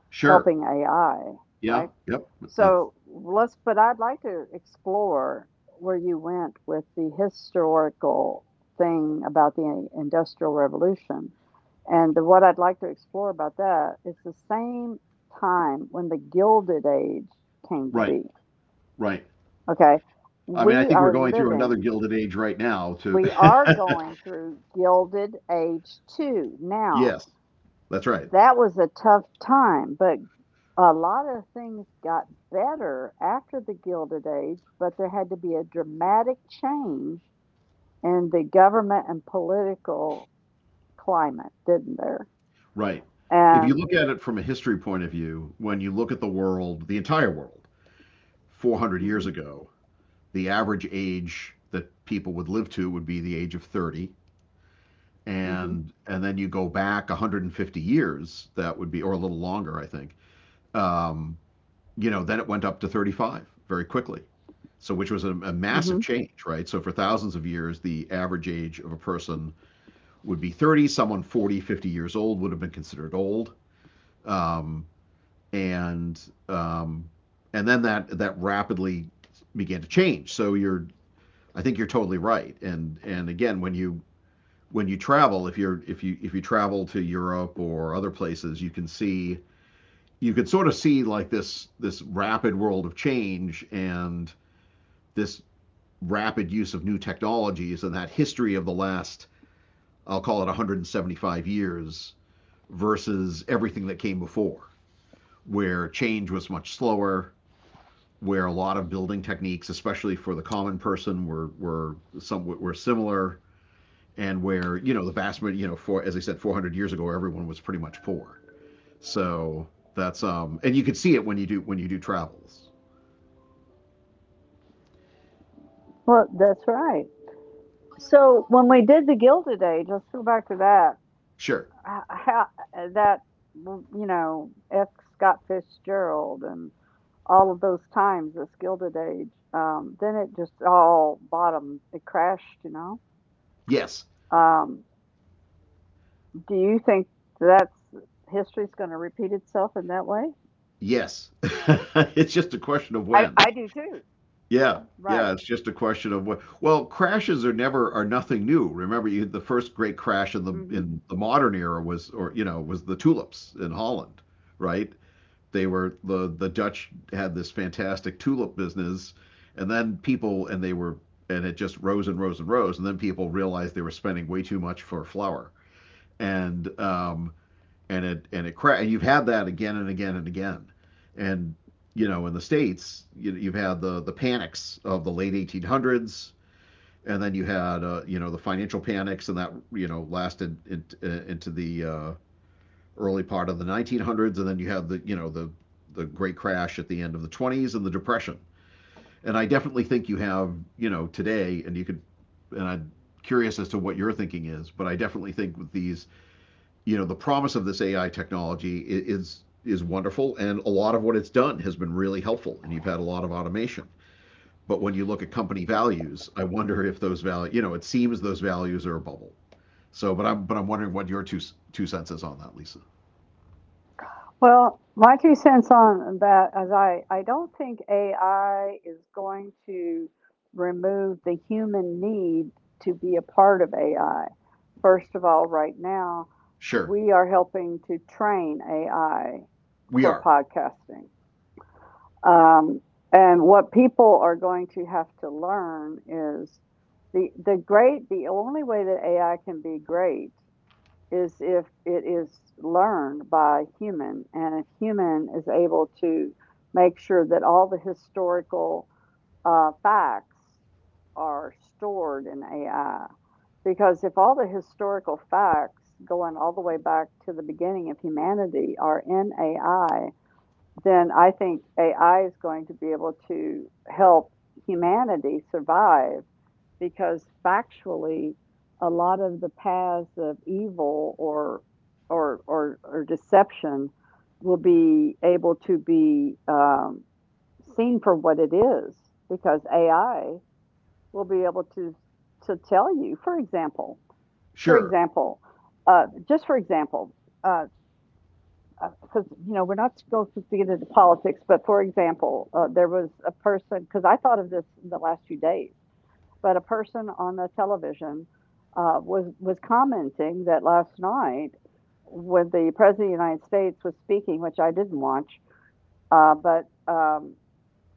Sure. helping AI, Yeah. right? Yep. That's But I'd like to explore where you went with the historical thing about the Industrial Revolution. And what I'd like to explore about that is the same time when the Gilded Age came to right. be. Right. Okay. I mean, I We think we're are going through another living, Gilded Age right now. To we are going through Gilded Age 2 now. Yes, that's right. That was a tough time, but a lot of things got better after the Gilded Age, but there had to be a dramatic change in the government and political climate, didn't there? Right. If you And look at it from a history point of view, when you look at the world, the entire world, 400 years Mhm, ago, the average age that people would live to would be the age of 30, mhm, and then you go back 150 years. That would be, or a little longer I think. um, you know, then it went up to 35 very quickly. So which was a massive mhm. change, right? So for thousands of years the average age of a person would be 30. Someone 40, 50 years old would have been considered old. um, and um, and then that rapidly began to change. So you're, I think you're totally right. And again when you travel, if you're if you travel to Europe or other places, you can see, you can sort of see like this rapid world of change and this rapid use of new technologies, and that history of the last, I'll call it 175 years, versus everything that came before, where change was much slower, where a lot of building techniques, especially for the common person, were similar, and where you know the vast you know for as I said, 400 years ago everyone was pretty much poor. So that's and you can see it when you do, when you do travels. Well, that's right. So when we did the Gilded Age, let's go back to that. Sure. h- How, that, F. Scott Fitzgerald and all of those times, this Gilded Age. Then it just all bottomed, it crashed. Yes. Um, Do you think that's history's going to repeat itself in that way? Yes. It's just a question of I, when. I do too. Yeah. Yeah. Right. It's just a question of what. Well, crashes are nothing new. Remember, you the first great crash in the Hmm. Modern era was, or you know, was the tulips in Holland, right? They were, the Dutch had this fantastic tulip business, and then people and they were and it just rose and rose and rose, and then people realized they were spending way too much for flour. and um, and you've had that again and again and again, and you know, in the states you, you've had the panics of the late 1800s, and then you had you know, the financial panics, and that you know lasted in, into the early part of the 1900s, and then you had the great crash at the end of the 20s and the depression. And I definitely think you have, you know, today, and you could, and I curious as to what your thinking is, but I definitely think with these, you know, the promise of this AI technology is wonderful, and a lot of what it's done has been really helpful, and you've had a lot of automation. But when you look at company values, I wonder if those value, you know, it seems those values are a bubble. So, but I'm wondering what your two cents is on that, Lisa. Well, my two cents on that is I don't think AI is going to remove the human need to be a part of AI. First of all, right now, Sure, we are helping to train AI we for are. podcasting. Um, and what people are going to have to learn is the only way that AI can be great is if it is learned by a human, and a human is able to make sure that all the historical facts are stored in AI. Because if all the historical facts going all the way back to the beginning of humanity are in AI, then I think AI is going to be able to help humanity survive, because factually, a lot of the paths of evil or deception will be able to be seen for what it is, because AI will be able to tell you. For Sure. example, uh, just for example. uh, because you know we're not supposed to get into politics, but for example, there was a person, because I thought of this in the last few days, but a person on the television, was commenting that last night when the president of the United States was speaking, which I didn't watch, but um,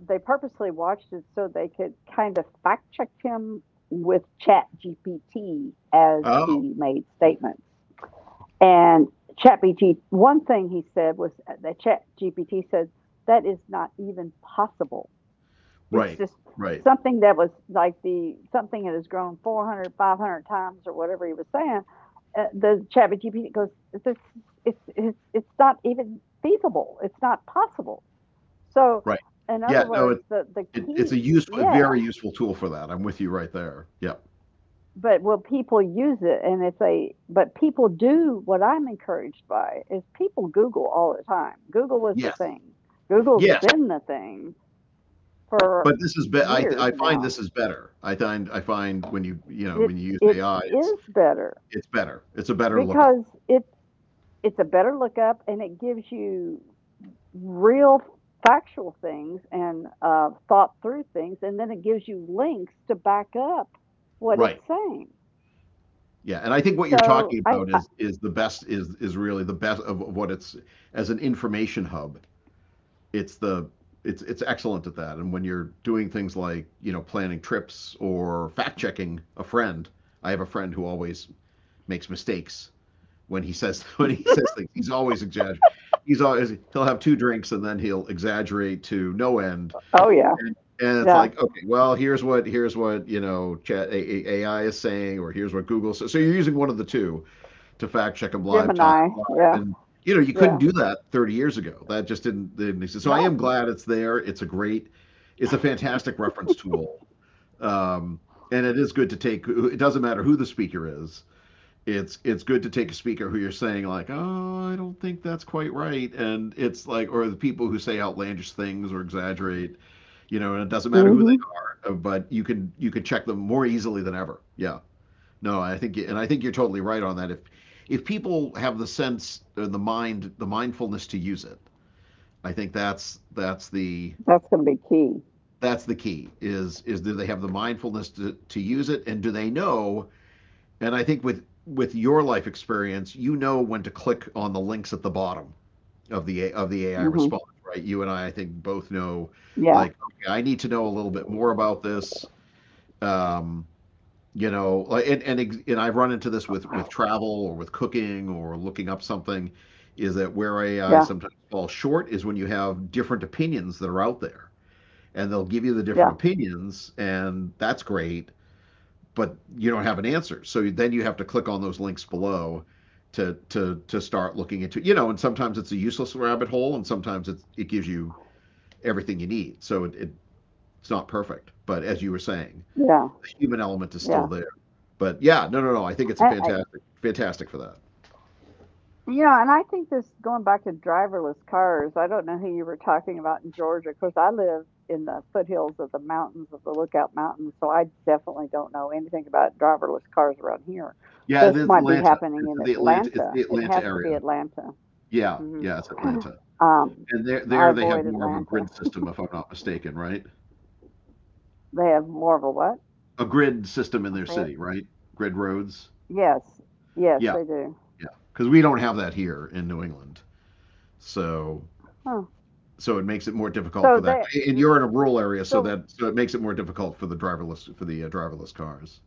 they purposely watched it so they could kind of fact check him with Chat GPT as Oh, he made statements. And ChatGPT, one thing he said was that ChatGPT said that is not even possible. It's right, just right, something that was like the something that has grown 400, 500 times, or whatever he was saying. The ChatGPT goes, it's not even feasible. It's not possible. So, right. in Yeah, other no, words, it, the it it's a key, useful, a yeah. very useful tool for that. I'm with you right there. Yep. But will people use it? And if they but people do. What I'm encouraged by is people Google all the time. Google was the Yes. thing. Google's Yes. been the thing for but this is be- I years find this now. is better. I find, I find when you know, It when you use it AI, it's is better it's better. It's a better lookup. because it's a better lookup, and it gives you real factual things, and thought through things, and then it gives you links to back up what it's Right. saying. Yeah. And I think what you're So talking about I is the best, is really the best of what it's, as an information hub. It's the, it's excellent at that. And when you're doing things like, you know, planning trips or fact checking a friend. I have a friend who always makes mistakes when he says, when he says things. He's always exaggerating. He's always, he'll have two drinks and then he'll exaggerate to no end. oh yeah. And it's Yeah. like, okay, well, here's what, here's what, you know, chat AI is saying, or here's what Google says. So you're using one of the two to fact check him live time, Gemini. live Yeah. and. You know, you couldn't Yeah. do that 30 years ago. That just didn't exist. So I am No. glad it's there. It's a great, it's a fantastic reference tool. Um, and it is good to take. It doesn't matter who the speaker is, it's good to take a speaker who you're saying, like, oh, I don't think that's quite right, and it's like, or the people who say outlandish things or exaggerate, you know, and it doesn't matter who Hmm. they are, but you can, you can check them more easily than ever. Yeah, no, I think, and I think you're totally right on that. If people have the sense or the mind, the mindfulness to use it, I think that's the, That's going to be key. that's the key, is do they have the mindfulness to use it, and do they know, and I think with your life experience, you know, when to click on the links at the bottom of the, of the AI Hmm. response, right? You and I think, both know, Yeah. like, okay, I need to know a little bit more about this. Um, you know, like, and I've run into this with travel or with cooking or looking up something, is that where AI Yeah. sometimes falls short is when you have different opinions that are out there, and they'll give you the Yeah. different opinions, and that's great, but you don't have an answer. So then you have to click on those links below to start looking into, you know, and sometimes it's a useless rabbit hole, and sometimes it's, it gives you everything you need, so it, it's not perfect, but as you were saying, Yeah. the human element is still Yeah. there. But yeah, no, no, no, I think it's a And I, fantastic, fantastic for that. you know, and I think this going back to driverless cars, I don't know who you were talking about in Georgia. Of course, I live in the foothills of the mountains of the Lookout Mountains, so I definitely don't know anything about driverless cars around here. Yeah, it's This might be Atlanta, happening in it's Atlanta. the It Atlanta has to area. be Atlanta. Yeah, Hmm. yeah, it's Atlanta. Um, And there I there they have avoid more of a Atlanta. grid system, if I'm not mistaken, right? They have more of a what? A grid system in I their say it. city, right? Grid roads. Yes, yes, Yeah. they do. Yeah, because we don't have that here in New England, so, Huh. so it makes it more difficult for So that. they. And you're in a rural area, so so that, so it makes it more difficult for the driverless, for the driverless cars.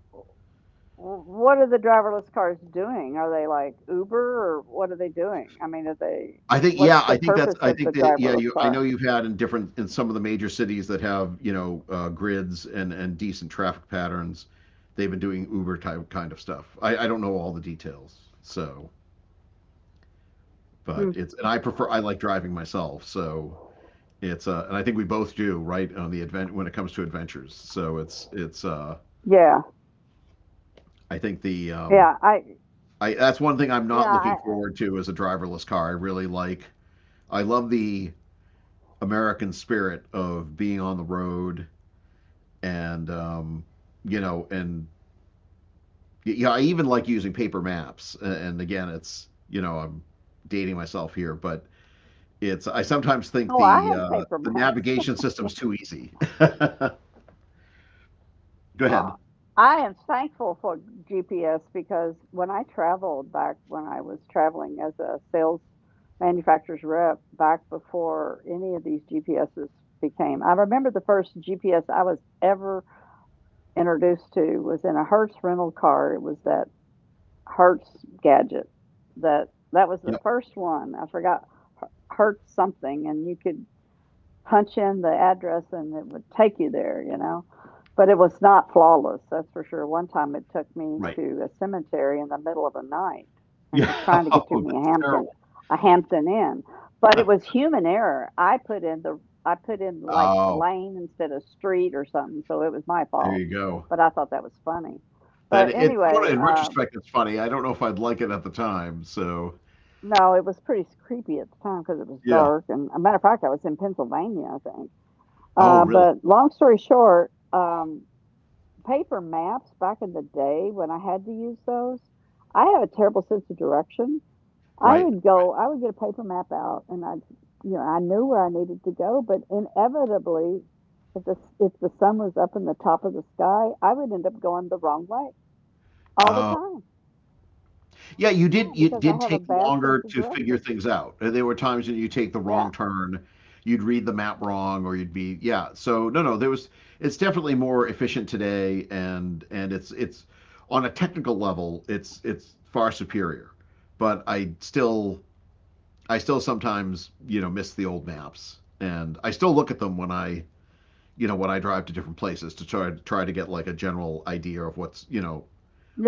w- what are the driverless cars doing? Are they like Uber, or what are they doing? I mean, are they, I think, yeah, what's the I think that's, purpose I of the think that, yeah, driverless you, I know car? you've had in different, in some of the major cities that have, you know, grids and decent traffic patterns, they've been doing Uber type kind of stuff. I don't know all the details, so, Hmm. but it's, and I prefer, I like driving myself, so. It's and I think we both do, right, on the advent when it comes to adventures. So it's Yeah. I think the Yeah, I I, that's one thing I'm not looking yeah, I forward to, as a driverless car. I really like, I love the American spirit of being on the road, and you know, and, yeah, I even like using paper maps. And again, it's, you know, I'm dating myself here, but it's, I sometimes think oh, I had paper the maps. navigation Yeah. system's too easy. Go Uh, ahead. I am thankful for GPS because when I traveled back when I was traveling as a sales manufacturer's rep back before any of these GPSs became, I remember the first GPS I was ever introduced to was in a Hertz rental car. It was that Hertz gadget, that was the Yep. first one. I forgot Hertz something, and you could punch in the address and it would take you there, you know. But it was not flawless, that's for sure. One time it took me Right. to a cemetery in the middle of the night, and it Yeah. was trying to get to Oh, me a that's Hampton terrible. a Hampton Inn. But it was human error. I put in like Oh, lane instead of street or something, so it was my there fault. you go. But I thought that was funny. That, But it's sort anyway, of, in retrospect, it's funny. I don't know if I'd like it at the time. So no, it was pretty creepy at the time because it was yeah. dark. And a matter of fact, I was in Pennsylvania, I think. Oh, really? But long story short, paper maps back in the day when I had to use those, I have a terrible sense of direction. Right. I would get a paper map out, and I I knew where I needed to go, but inevitably, if the, if the sun was up in the top of the sky, I would end up going the wrong way all the Oh, time, yeah. all the You did. time, It because I did have a take bad sense longer of to figure direction. things out. There were times when you take the wrong Yeah. turn, you'd read the map wrong, or you'd be, yeah. So no, no. There was. It's definitely more efficient today, and it's on a technical level, it's far superior. But I still sometimes, miss the old maps, and I still look at them when I, when I drive to different places to try to get like a general idea of what's,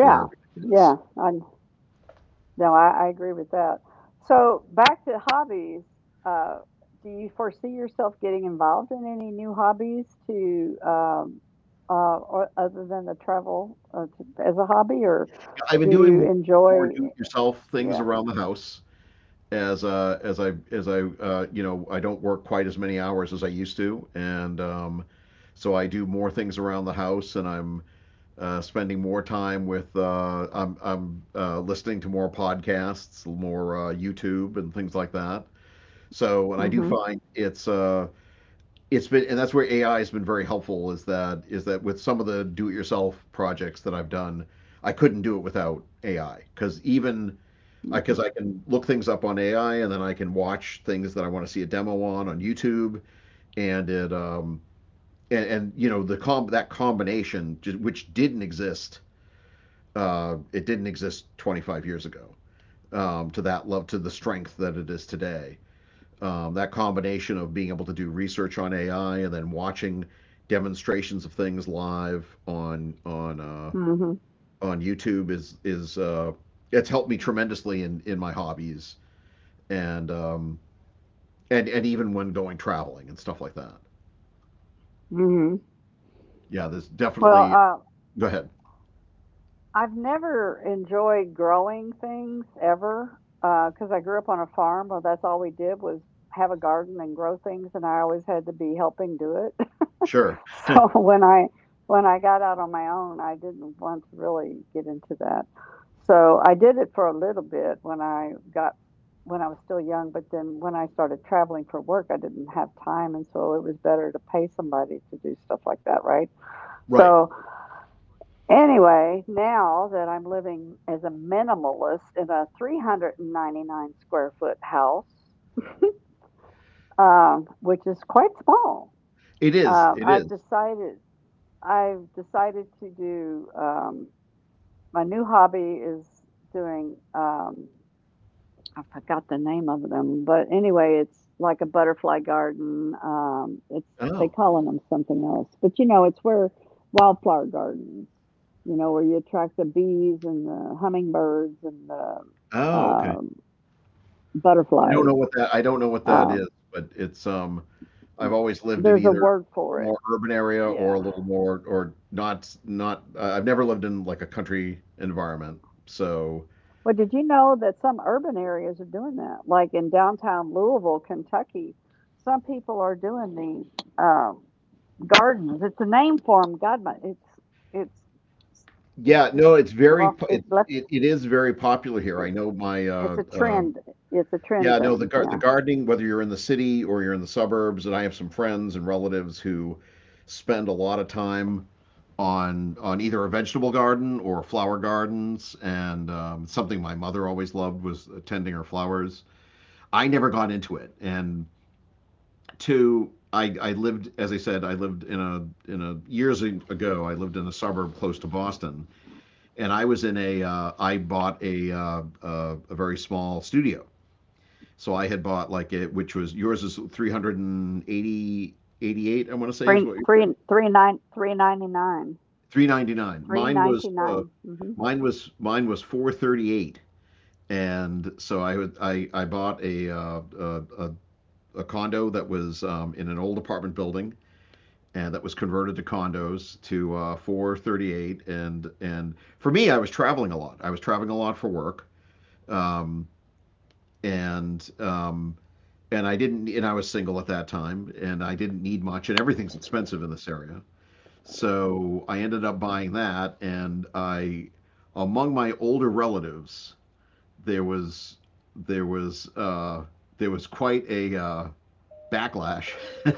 where everything is. Yeah. I, No, I agree with that. So back to hobbies. Uh, do you foresee yourself getting involved in any new hobbies to, or other than the travel, to, as a hobby, or I've do been doing you more enjoy? do-it-yourself things Yeah. around the house as I I don't work quite as many hours as I used to, and so I do more things around the house, and I'm spending more time with I'm listening to more podcasts, more YouTube, and things like that. So, and I do Hmm. find it's been, and that's where AI has been very helpful. Is that with some of the do-it-yourself projects that I've done, I couldn't do it without AI because even I because Hmm. I can look things up on AI, and then I can watch things that I want to see a demo on YouTube, and it um and the combination which didn't exist it didn't exist 25 years ago, to that love to the strength that it is today. That combination of being able to do research on AI and then watching demonstrations of things live on Hmm. on YouTube is it's helped me tremendously in my hobbies, and um, and even when going traveling and stuff like that. Hmm. Yeah, there's Well, definitely. Go ahead. I've never enjoyed growing things ever, because I grew up on a farm, where that's all we did was have a garden and grow things, and I always had to be helping do it. Sure. So when I got out on my own, I didn't want to really get into that. So I did it for a little bit when I was still young, but then when I started traveling for work, I didn't have time, and so it was better to pay somebody to do stuff like that, right? Right. So anyway, now that I'm living as a minimalist in a 399 square foot house, which is quite small, It is. It I've is. decided. I've decided to do, my new hobby is doing, I forgot the name of them, but anyway, it's like a butterfly garden. It's they Oh. calling them something else, but you know, it's where wildflower gardens, you know, where you attract the bees and the hummingbirds and the, Oh. Okay. um, I don't butterflies. know what that. I don't know what that Um, is, but it's. I've always lived in there's a either word a little for it. more urban area or Yeah. a little more or not I've never lived in like a country environment. So Well, did you know that some urban areas are doing that? Like in downtown Louisville, Kentucky, some people are doing these gardens. It's a name for them. God, my, it's it's yeah, no, just it's very lost. It left. It is very popular here. I It, know my it's a trend. It's a trend yeah, no, thing. The Yeah, gardening, whether you're in the city or you're in the suburbs, and I have some friends and relatives who spend a lot of time on either a vegetable garden or flower gardens, and something my mother always loved was tending her flowers. I never got into it, and two, I lived, as I said, I lived in a years ago. I lived in a suburb close to Boston, and I was in a. I bought a very small studio. So I had bought like it, which was yours is 380 88 I want to say is three what you're three saying. three nine three ninety nine 399. three Mine was ninety uh, nine. Mm-hmm. mine was mine was 438. And so I would I bought a a condo that was in an old apartment building, and that was converted to condos to 438. And for me, I was traveling a lot, I was traveling a lot for work, um, and um, and I didn't and I was single at that time, and I didn't need much, and everything's expensive in this area, so I ended up buying that. And I, among my older relatives, there was there was uh, there was quite a backlash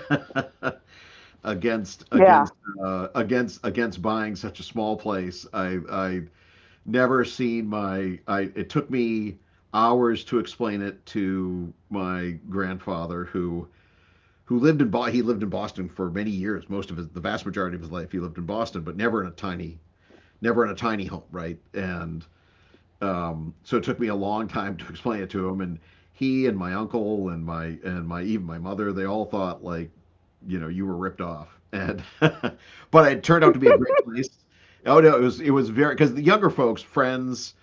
against Yeah. against against against buying such a small place. I never seen my I it took me hours to explain it to my grandfather who lived in he lived in Boston for many years. Most of his the vast majority of his life he lived in Boston, but never in a tiny, never in a tiny home, right? And so it took me a long time to explain it to him, and he and my uncle and my even my mother, they all thought like, you know, you were ripped off. And but it turned out to be a great place. Oh no, it was very because the younger folks, friends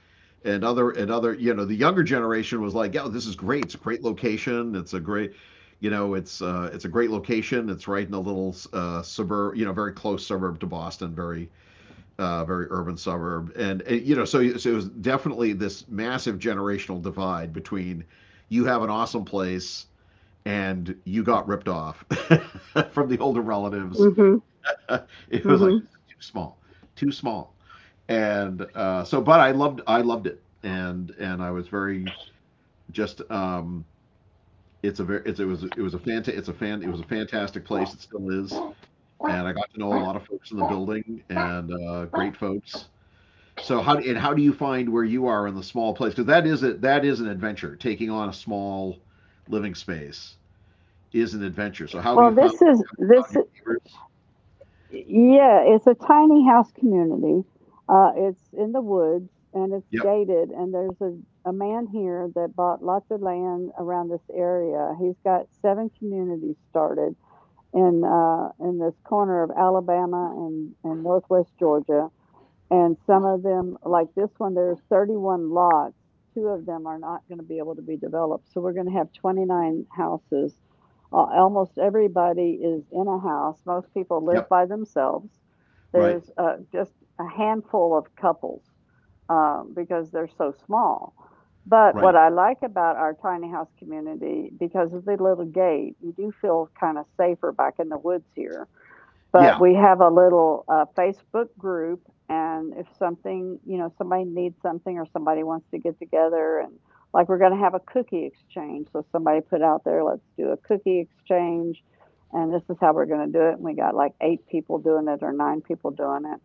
and other, you know, the younger generation was like, yeah, this is great. It's a great location. It's a great, you know, it's a great location. It's right in a little suburb, you know, very close suburb to Boston, very very urban suburb, and, you know, so, so it was definitely this massive generational divide between you have an awesome place and you got ripped off from the older relatives. Mm-hmm. It was like Mm-hmm. this is too small, and so but I loved it, and I was very just it was a it was a fantastic place, it still is, and I got to know a lot of folks in the building, and great folks. So how do you find where you are in the small place? Because that is it. That is an adventure. Taking on a small living space is an adventure. So how have you Well, found, this is found this. your neighbors? Yeah, it's a tiny house community. It's in the woods and it's Yep. gated. And there's a man here that bought lots of land around this area. He's got seven communities started in, in this corner of Alabama and Northwest Georgia. And some of them, like this one, there's 31 lots. Two of them are not going to be able to be developed. So we're going to have 29 houses. Almost everybody is in a house. Most people live Yep. by themselves. Right. There's just a handful of couples, because they're so small. But what Right. I like about our tiny house community, because of the little gate, you do feel kind of safer back in the woods here, but Yeah. we have a little Facebook group, and if something, you know, somebody needs something or somebody wants to get together, and like we're going to have a cookie exchange. So somebody put out there, let's do a cookie exchange, and this is how we're going to do it. And we got like eight people doing it or nine people doing it.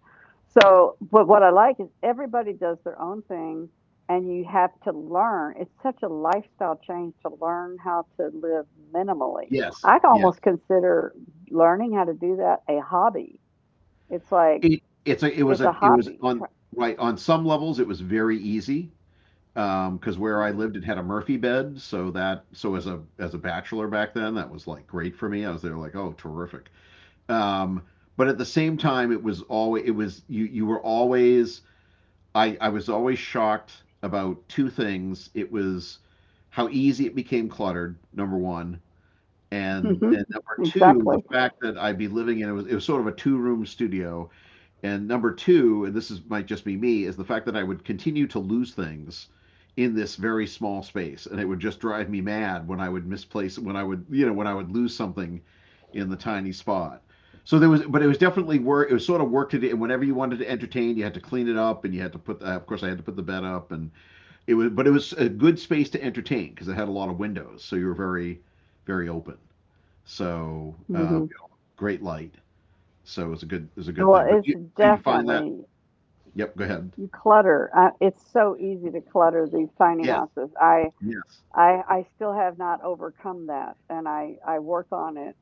So, but what I like is everybody does their own thing, and you have to learn. It's such a lifestyle change to learn how to live minimally. Yes. I Yes. almost consider learning how to do that a hobby. It's like It it's it's a a it was hobby. on Tr- right on some levels it was very easy because where I Mhm. lived it had a Murphy bed, so that, so as a bachelor back then, that was like great for me. I was there like oh terrific. Um, but at the same time, it was always it was you were always I was always shocked about two things. It was how easy it became cluttered. Number one. And, Mhm. and number two, Exactly. the fact that I'd be living in it was sort of a two room studio, and number two, and this is might just be me, is the fact that I would continue to lose things in this very small space, and it would just drive me mad when I would misplace when I would when I would lose something in the tiny spot. So there was, but it was definitely work. It was sort of work to do. And whenever you wanted to entertain, you had to clean it up, and you had to put. The, of course, I had to put the bed up, and it was. But it was a good space to entertain because it had a lot of windows, so you were very, very open. So Hmm. Great light. So it was a good, it was a good Well, thing. But it's you, so you find that definitely Yep, go ahead. you clutter. It's so easy to clutter these tiny Yes. houses. I Yes. I I still have not overcome that, and I work on it,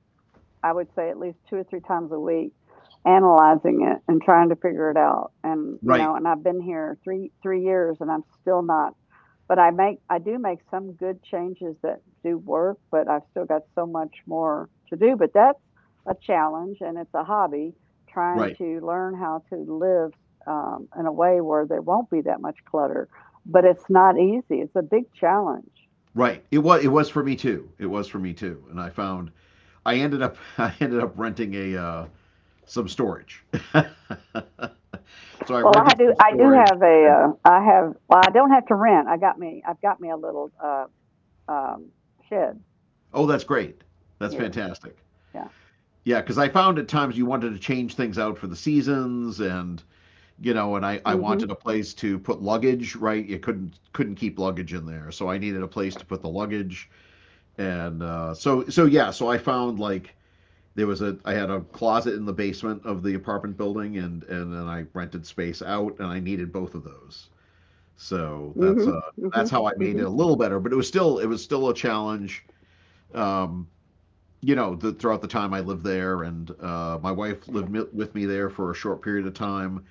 I would say at least two or three times a week, analyzing it and trying to figure it out. And you Right. know, and I've been here three three years, and I'm still not. But I do make some good changes that do work, but I've still got so much more to do. But that's a challenge, and it's a hobby trying Right. to learn how to live, in a way where there won't be that much clutter. But it's not easy. It's a big challenge. Right. It was for me too. It was for me too. And I found I ended up I ended up renting a some storage. So I Well, I rented do. some I do storage, have a. and I have. Well, I don't have to rent. I've got me a little um, shed oh that's great. That's here. fantastic. Yeah. Yeah, because I found at times you wanted to change things out for the seasons, and you know, and I Mhm. wanted a place to put luggage, right? You couldn't keep luggage in there. So I needed a place to put the luggage. And so yeah, so I found like there was a I had a closet in the basement of the apartment building, and then I rented space out, and I needed both of those. So Mhm. That's Mhm. how I made it a Mhm. little better, but it was still a challenge. Um, you know, the, throughout the time I lived there, and my wife lived with me there for a short period of time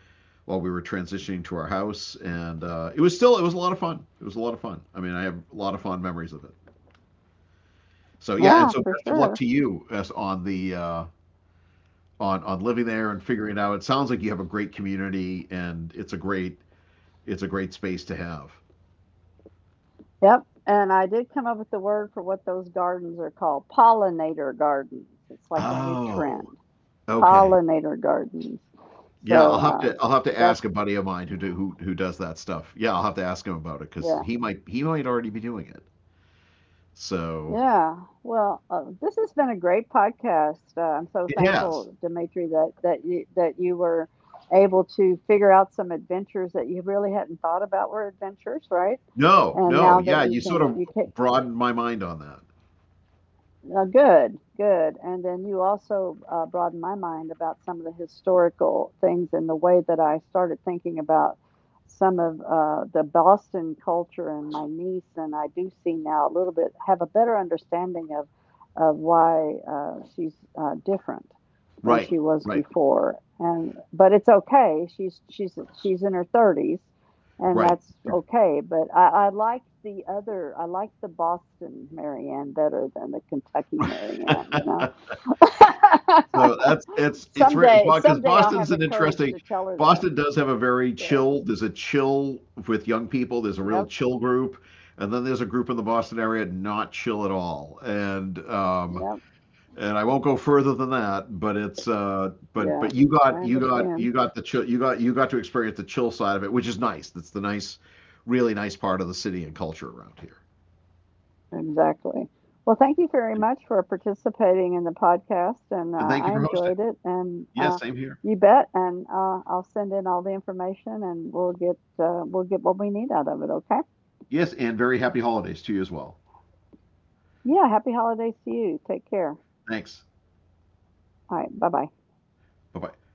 while we were transitioning to our house, and it was a lot of fun. It was a lot of fun. I mean, I have a lot of fond memories of it. So yeah, and Yeah, so for best of luck sure. to you as on the on living there and figuring it out. It sounds like you have a great community, and it's a great space to have. Yep. And I did come up with the word for what those gardens are called. Pollinator gardens. It's like a new Oh, trend. okay. Pollinator gardens. Yeah, So I'll have to ask that's a buddy of mine who does that stuff. Yeah, I'll have to ask him about it because yeah. He might already be doing it. So Yeah. Well, this has been a great podcast. I'm so it has. thankful, Dimitri, that you were able to figure out some adventures that you really hadn't thought about were adventures, right? No, And no, now that yeah, you you sort can, of you can. broadened my mind on that. Good, good. And then you also broadened my mind about some of the historical things and the way that I started thinking about some of the Boston culture and my niece. And I do see now a little bit, have a better understanding of why she's different than Right, she was right, before. And but it's okay. She's in her 30s and right. that's okay, but I like the Boston Marianne better than the Kentucky Marianne. You know? So that's it's Someday, because someday I'll Boston's have the an courage interesting. to tell her that. Boston does have a very Yeah. chill. There's a chill with young people. There's a real Yep. chill group, and then there's a group in the Boston area not chill at all. And Yep. I won't go further than that. But it's Yeah. but you I got you got understand. you got the chill, you got to experience the chill side of it, which is nice. That's the nice, really nice part of the city and culture around here. Exactly. Well, thank you very much for participating in the podcast, and And thank you I for hosting. enjoyed it. And Yes, same here. you bet. And I'll send in all the information, and we'll get what we need out of it. Okay. Yes, and very happy holidays to you as well. Yeah, happy holidays to you. Take care. Thanks. All right, bye-bye. Bye bye.